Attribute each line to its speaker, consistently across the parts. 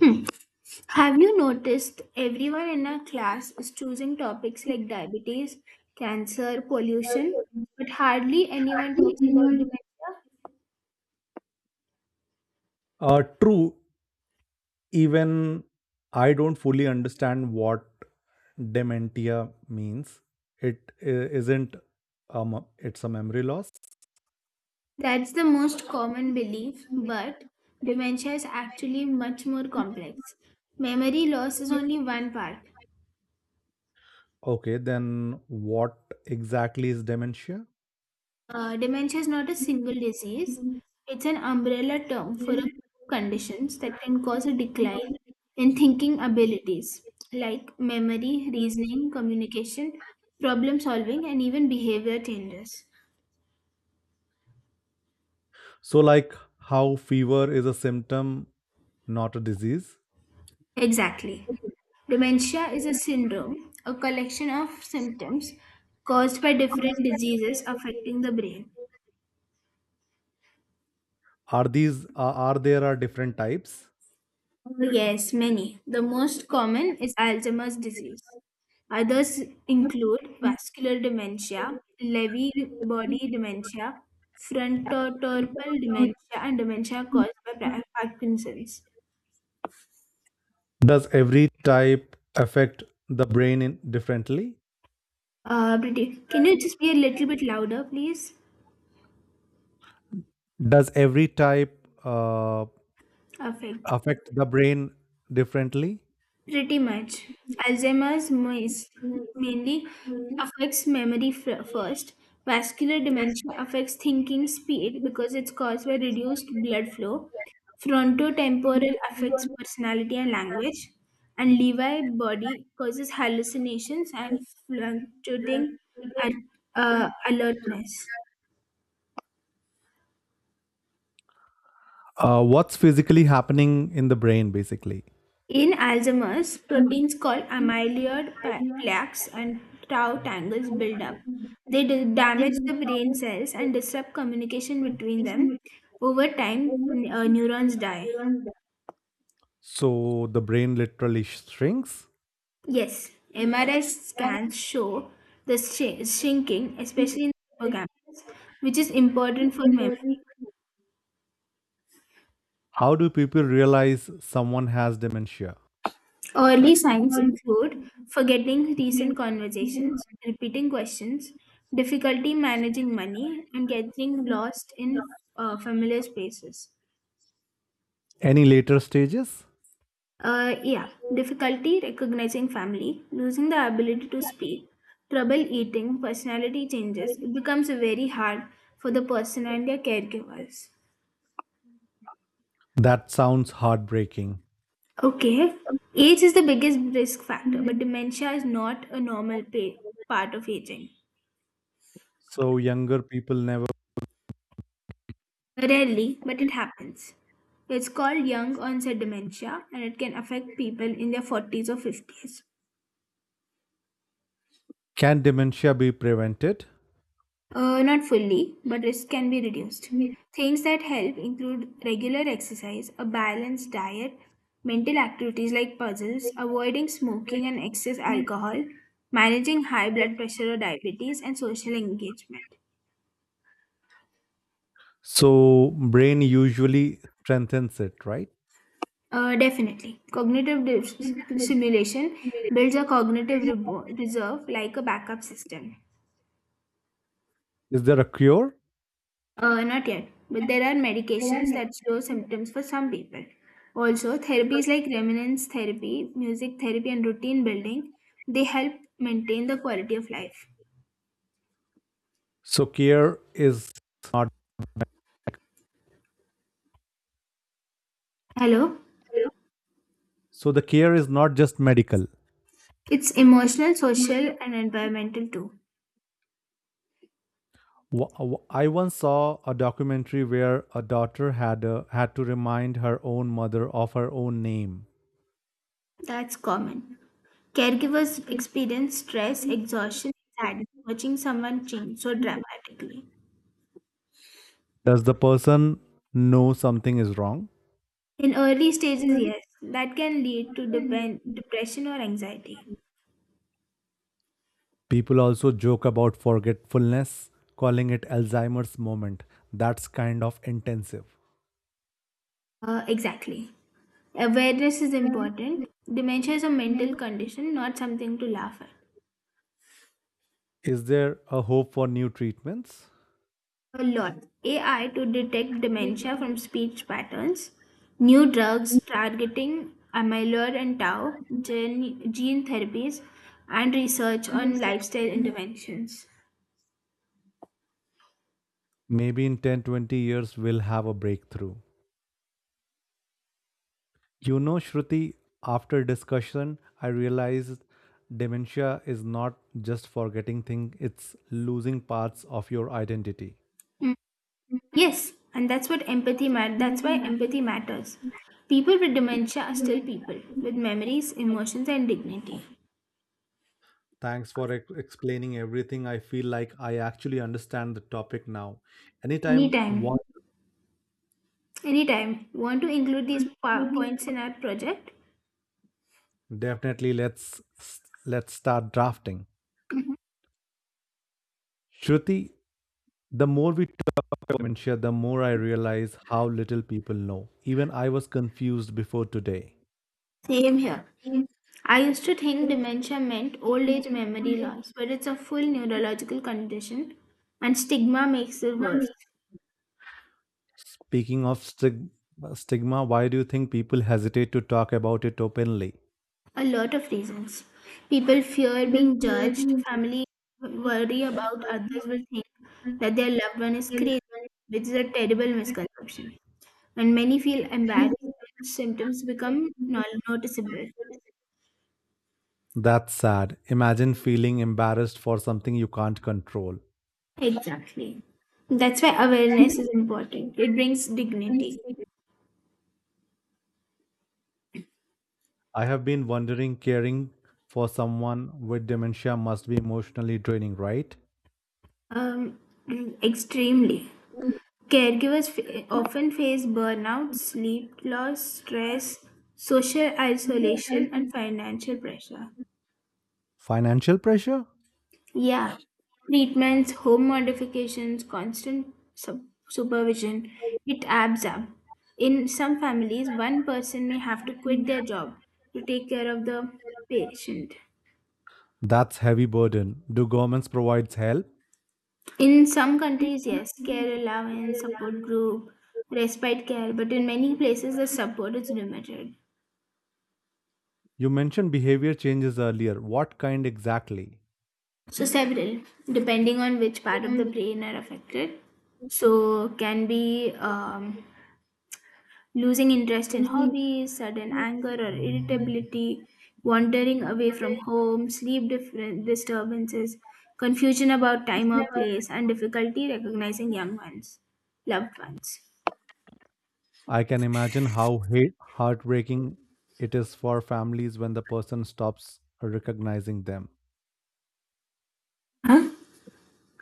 Speaker 1: Hmm. Have you noticed everyone in our class is choosing topics like diabetes, cancer, pollution, but hardly anyone talks about dementia?
Speaker 2: True, even I don't fully understand what dementia means. It isn't um it's a memory loss.
Speaker 1: That's the most common belief, but dementia is actually much more complex. Memory loss is only one part.
Speaker 2: Okay, then what exactly is dementia?
Speaker 1: Dementia is not a single disease. It's an umbrella term for a group of conditions that can cause a decline in thinking abilities like memory, reasoning, communication, problem solving, and even behavior changes.
Speaker 2: So like how fever is a symptom, not a disease.
Speaker 1: Exactly. Dementia is a syndrome, a collection of symptoms caused by different diseases affecting the brain.
Speaker 2: Are there are different types?
Speaker 1: Oh, yes, many. The most common is Alzheimer's disease. Others include vascular dementia, Lewy body dementia, frontotemporal dementia, and dementia caused by Parkinson's.
Speaker 2: Does every type affect the brain in differently?
Speaker 1: Priti, can you just be a little bit louder, please?
Speaker 2: Does every type uh,
Speaker 1: Perfect.
Speaker 2: affect the brain differently?
Speaker 1: Pretty much. Alzheimer's mainly affects memory first. Vascular dementia affects thinking speed because it's caused by reduced blood flow. Frontotemporal affects personality and language. And Levi body causes hallucinations and fluctuating and alertness.
Speaker 2: What's physically happening in the brain basically.
Speaker 1: In Alzheimer's, proteins called amyloid plaques and tau tangles build up. They damage the brain cells and disrupt communication between them. Over time, neurons die.
Speaker 2: So the brain literally shrinks.
Speaker 1: Yes, MRI scans show the shrinking, especially in the hippocampus, which is important for memory.
Speaker 2: How do people realize someone has dementia?
Speaker 1: Early signs include forgetting recent conversations, repeating questions, difficulty managing money, and getting lost in familiar spaces.
Speaker 2: Any later stages?
Speaker 1: Yeah, difficulty recognizing family, losing the ability to speak, trouble eating, personality changes. It becomes very hard for the person and their caregivers.
Speaker 2: That sounds heartbreaking.
Speaker 1: Okay, age is the biggest risk factor, but dementia is not a normal part of aging.
Speaker 2: So younger people never.
Speaker 1: Rarely, but it happens. It's called young onset dementia and it can affect people in their 40s or 50s.
Speaker 2: Can dementia be prevented?
Speaker 1: Not fully, but risk can be reduced. Things that help include regular exercise, a balanced diet, mental activities like puzzles, avoiding smoking and excess alcohol, managing high blood pressure or diabetes, and social engagement.
Speaker 2: So brain usually strengthens it, right?
Speaker 1: Definitely. Cognitive simulation builds a cognitive reserve like a backup system.
Speaker 2: Is there a cure?
Speaker 1: Not yet, but there are medications that slow symptoms for some people. Also, therapies like remnants therapy, music therapy, and routine building, they help maintain the quality of life.
Speaker 2: so care is not
Speaker 1: Hello?
Speaker 2: so the care is not just medical.
Speaker 1: It's emotional, social, and environmental too.
Speaker 2: I once saw a documentary where a daughter had to remind her own mother of her own name.
Speaker 1: That's common. Caregivers experience stress, exhaustion, sadness, watching someone change so dramatically.
Speaker 2: Does the person know something is wrong?
Speaker 1: In early stages, yes, that can lead to depression or anxiety.
Speaker 2: People also joke about forgetfulness, calling it Alzheimer's moment. That's kind of intensive.
Speaker 1: Exactly. Awareness is important. Dementia is a mental condition, not something to laugh at.
Speaker 2: Is there a hope for new treatments?
Speaker 1: A lot. AI to detect dementia from speech patterns. New drugs targeting amyloid and tau, gene therapies, and research on lifestyle interventions.
Speaker 2: Maybe in 10 to 20 years we'll have a breakthrough. You know, Shruti, after discussion, I realized dementia is not just forgetting things, it's losing parts of your identity.
Speaker 1: Mm. Yes, and that's what empathy matters. That's why empathy matters. People with dementia are still people with memories, emotions, and dignity.
Speaker 2: Thanks for explaining everything. I feel like I actually understand the topic now. Anytime one,
Speaker 1: Anytime. Anytime. Want to include these points in our project?
Speaker 2: definitely let's start drafting. Shruti, the more we talk about dementia, the more I realize how little people know. Even I was confused before today.
Speaker 1: Same here. I used to think dementia meant old age memory loss, but it's a full neurological condition and stigma makes it worse.
Speaker 2: Speaking of stigma, why do you think people hesitate to talk about it openly?
Speaker 1: A lot of reasons. People fear being judged, family worry about others will think that their loved one is crazy, which is a terrible misconception. And many feel embarrassed when symptoms become noticeable.
Speaker 2: That's sad. Imagine feeling embarrassed for something you can't control.
Speaker 1: Exactly. That's why awareness is important. It brings dignity.
Speaker 2: I have been wondering, caring for someone with dementia must be emotionally draining, right?
Speaker 1: Um, Extremely. Caregivers often face burnout, sleep loss, stress, social isolation, and financial pressure.
Speaker 2: Financial pressure?
Speaker 1: Yeah. Treatments, home modifications, constant supervision, it adds up. In some families, one person may have to quit their job to take care of the patient.
Speaker 2: That's heavy burden. Do governments provide help?
Speaker 1: In some countries, yes, care allowance, support group, respite care, but in many places the support is limited.
Speaker 2: You mentioned behavior changes earlier. What kind exactly?
Speaker 1: So several, depending on which part of the brain are affected. So can be losing interest in hobbies, sudden anger or irritability, wandering away from home, sleep different disturbances, confusion about time or place, and difficulty recognizing young ones, loved ones.
Speaker 2: I can imagine how heartbreaking it is for families when the person stops recognizing them.
Speaker 1: Huh?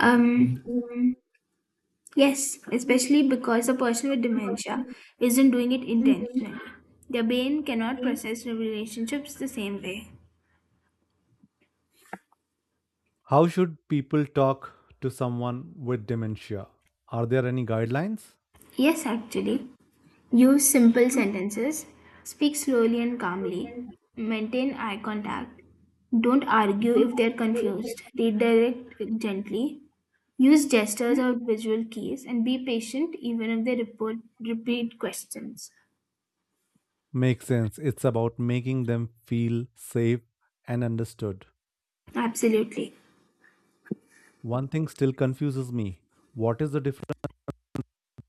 Speaker 1: Um, Yes, especially because a person with dementia isn't doing it intentionally. Their brain cannot process the relationships the same way.
Speaker 2: How should people talk to someone with dementia? Are there any guidelines?
Speaker 1: Yes, actually. Use simple sentences, speak slowly and calmly, maintain eye contact, don't argue if they're confused, redirect gently, use gestures or visual cues, and be patient even if they report, repeat questions.
Speaker 2: Makes sense. It's about making them feel safe and understood.
Speaker 1: Absolutely.
Speaker 2: One thing still confuses me. What is the difference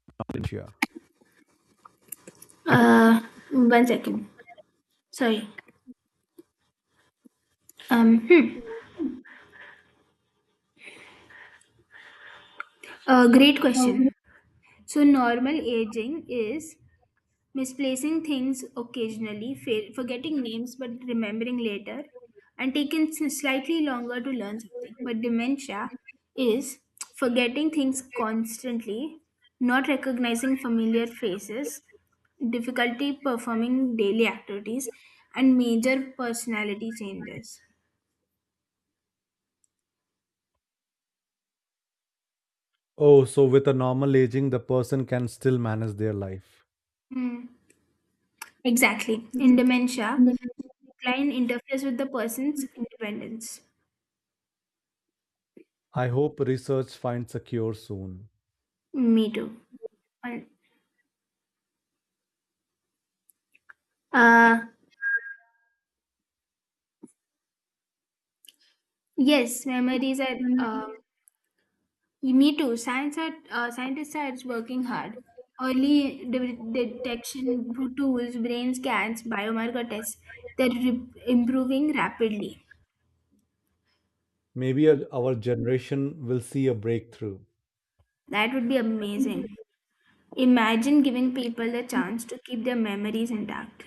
Speaker 2: in dementia?
Speaker 1: Uh, One second. Sorry. Hmm. A great question. So, normal aging is misplacing things occasionally, forgetting names but remembering later, and taking slightly longer to learn something. But dementia is forgetting things constantly, not recognizing familiar faces, difficulty performing daily activities, and major personality changes.
Speaker 2: Oh, so with a normal aging, the person can still manage their life.
Speaker 1: Hmm. Exactly. In dementia, decline interferes with the person's independence.
Speaker 2: I hope research finds a cure soon.
Speaker 1: Me too. Well, Uh, yes, memories are. Me too. Scientists are working hard. Early detection tools, brain scans, biomarker tests, they're improving rapidly.
Speaker 2: Maybe our generation will see a breakthrough.
Speaker 1: That would be amazing. Imagine giving people the chance to keep their memories intact.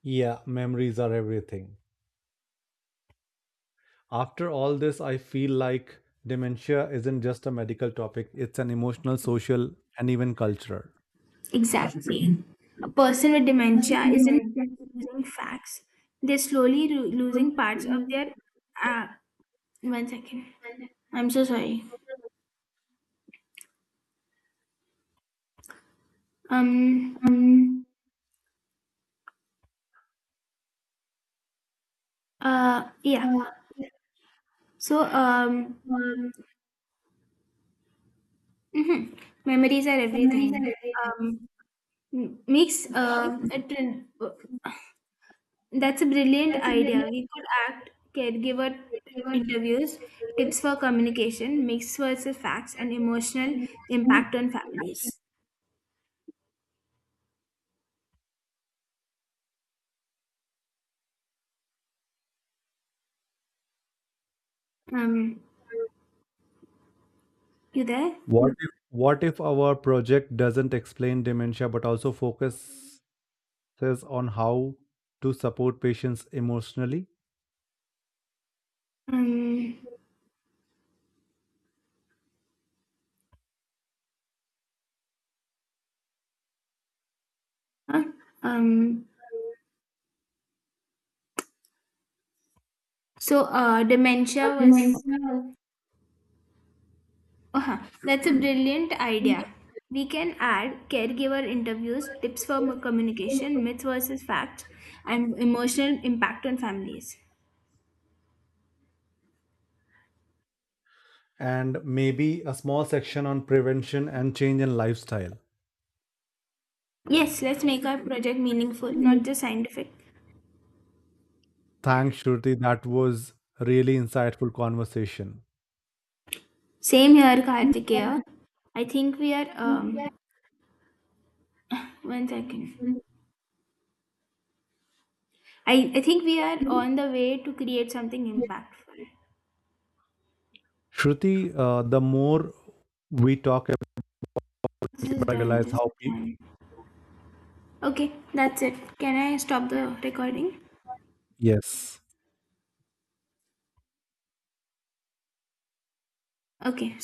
Speaker 2: Yeah, memories are everything. After all this, I feel like dementia isn't just a medical topic, it's an emotional, social, and even cultural.
Speaker 1: Exactly. A person with dementia isn't losing facts, they're slowly losing parts of their. Uh, One second. I'm so sorry. Um. Yeah. So. Mhm. Memories are everything. Um. m- Makes. Uh. a trin- That's a brilliant idea. We could act caregiver interviews, tips for communication, mixed versus facts, and emotional impact on families. Um. You there?
Speaker 2: What if our project doesn't explain dementia but also focuses on how to support patients emotionally?
Speaker 1: Um. Huh? Um. So. Dementia was Uh-huh. That's a brilliant idea. We can add caregiver interviews, tips for communication, myths versus facts, and emotional impact on families.
Speaker 2: And maybe a small section on prevention and change in lifestyle.
Speaker 1: Yes, let's make our project meaningful, not just scientific.
Speaker 2: Thanks, Shruti. That was really insightful conversation.
Speaker 1: Same here, Kartikeya. I think we are, one second. I think we are on the way to create something impactful.
Speaker 2: Shruti, the more we talk about,
Speaker 1: This is
Speaker 2: I
Speaker 1: done,
Speaker 2: realize
Speaker 1: this is
Speaker 2: how pe-
Speaker 1: done. Okay, that's it. Can I stop the recording?
Speaker 2: yes,
Speaker 1: Okay.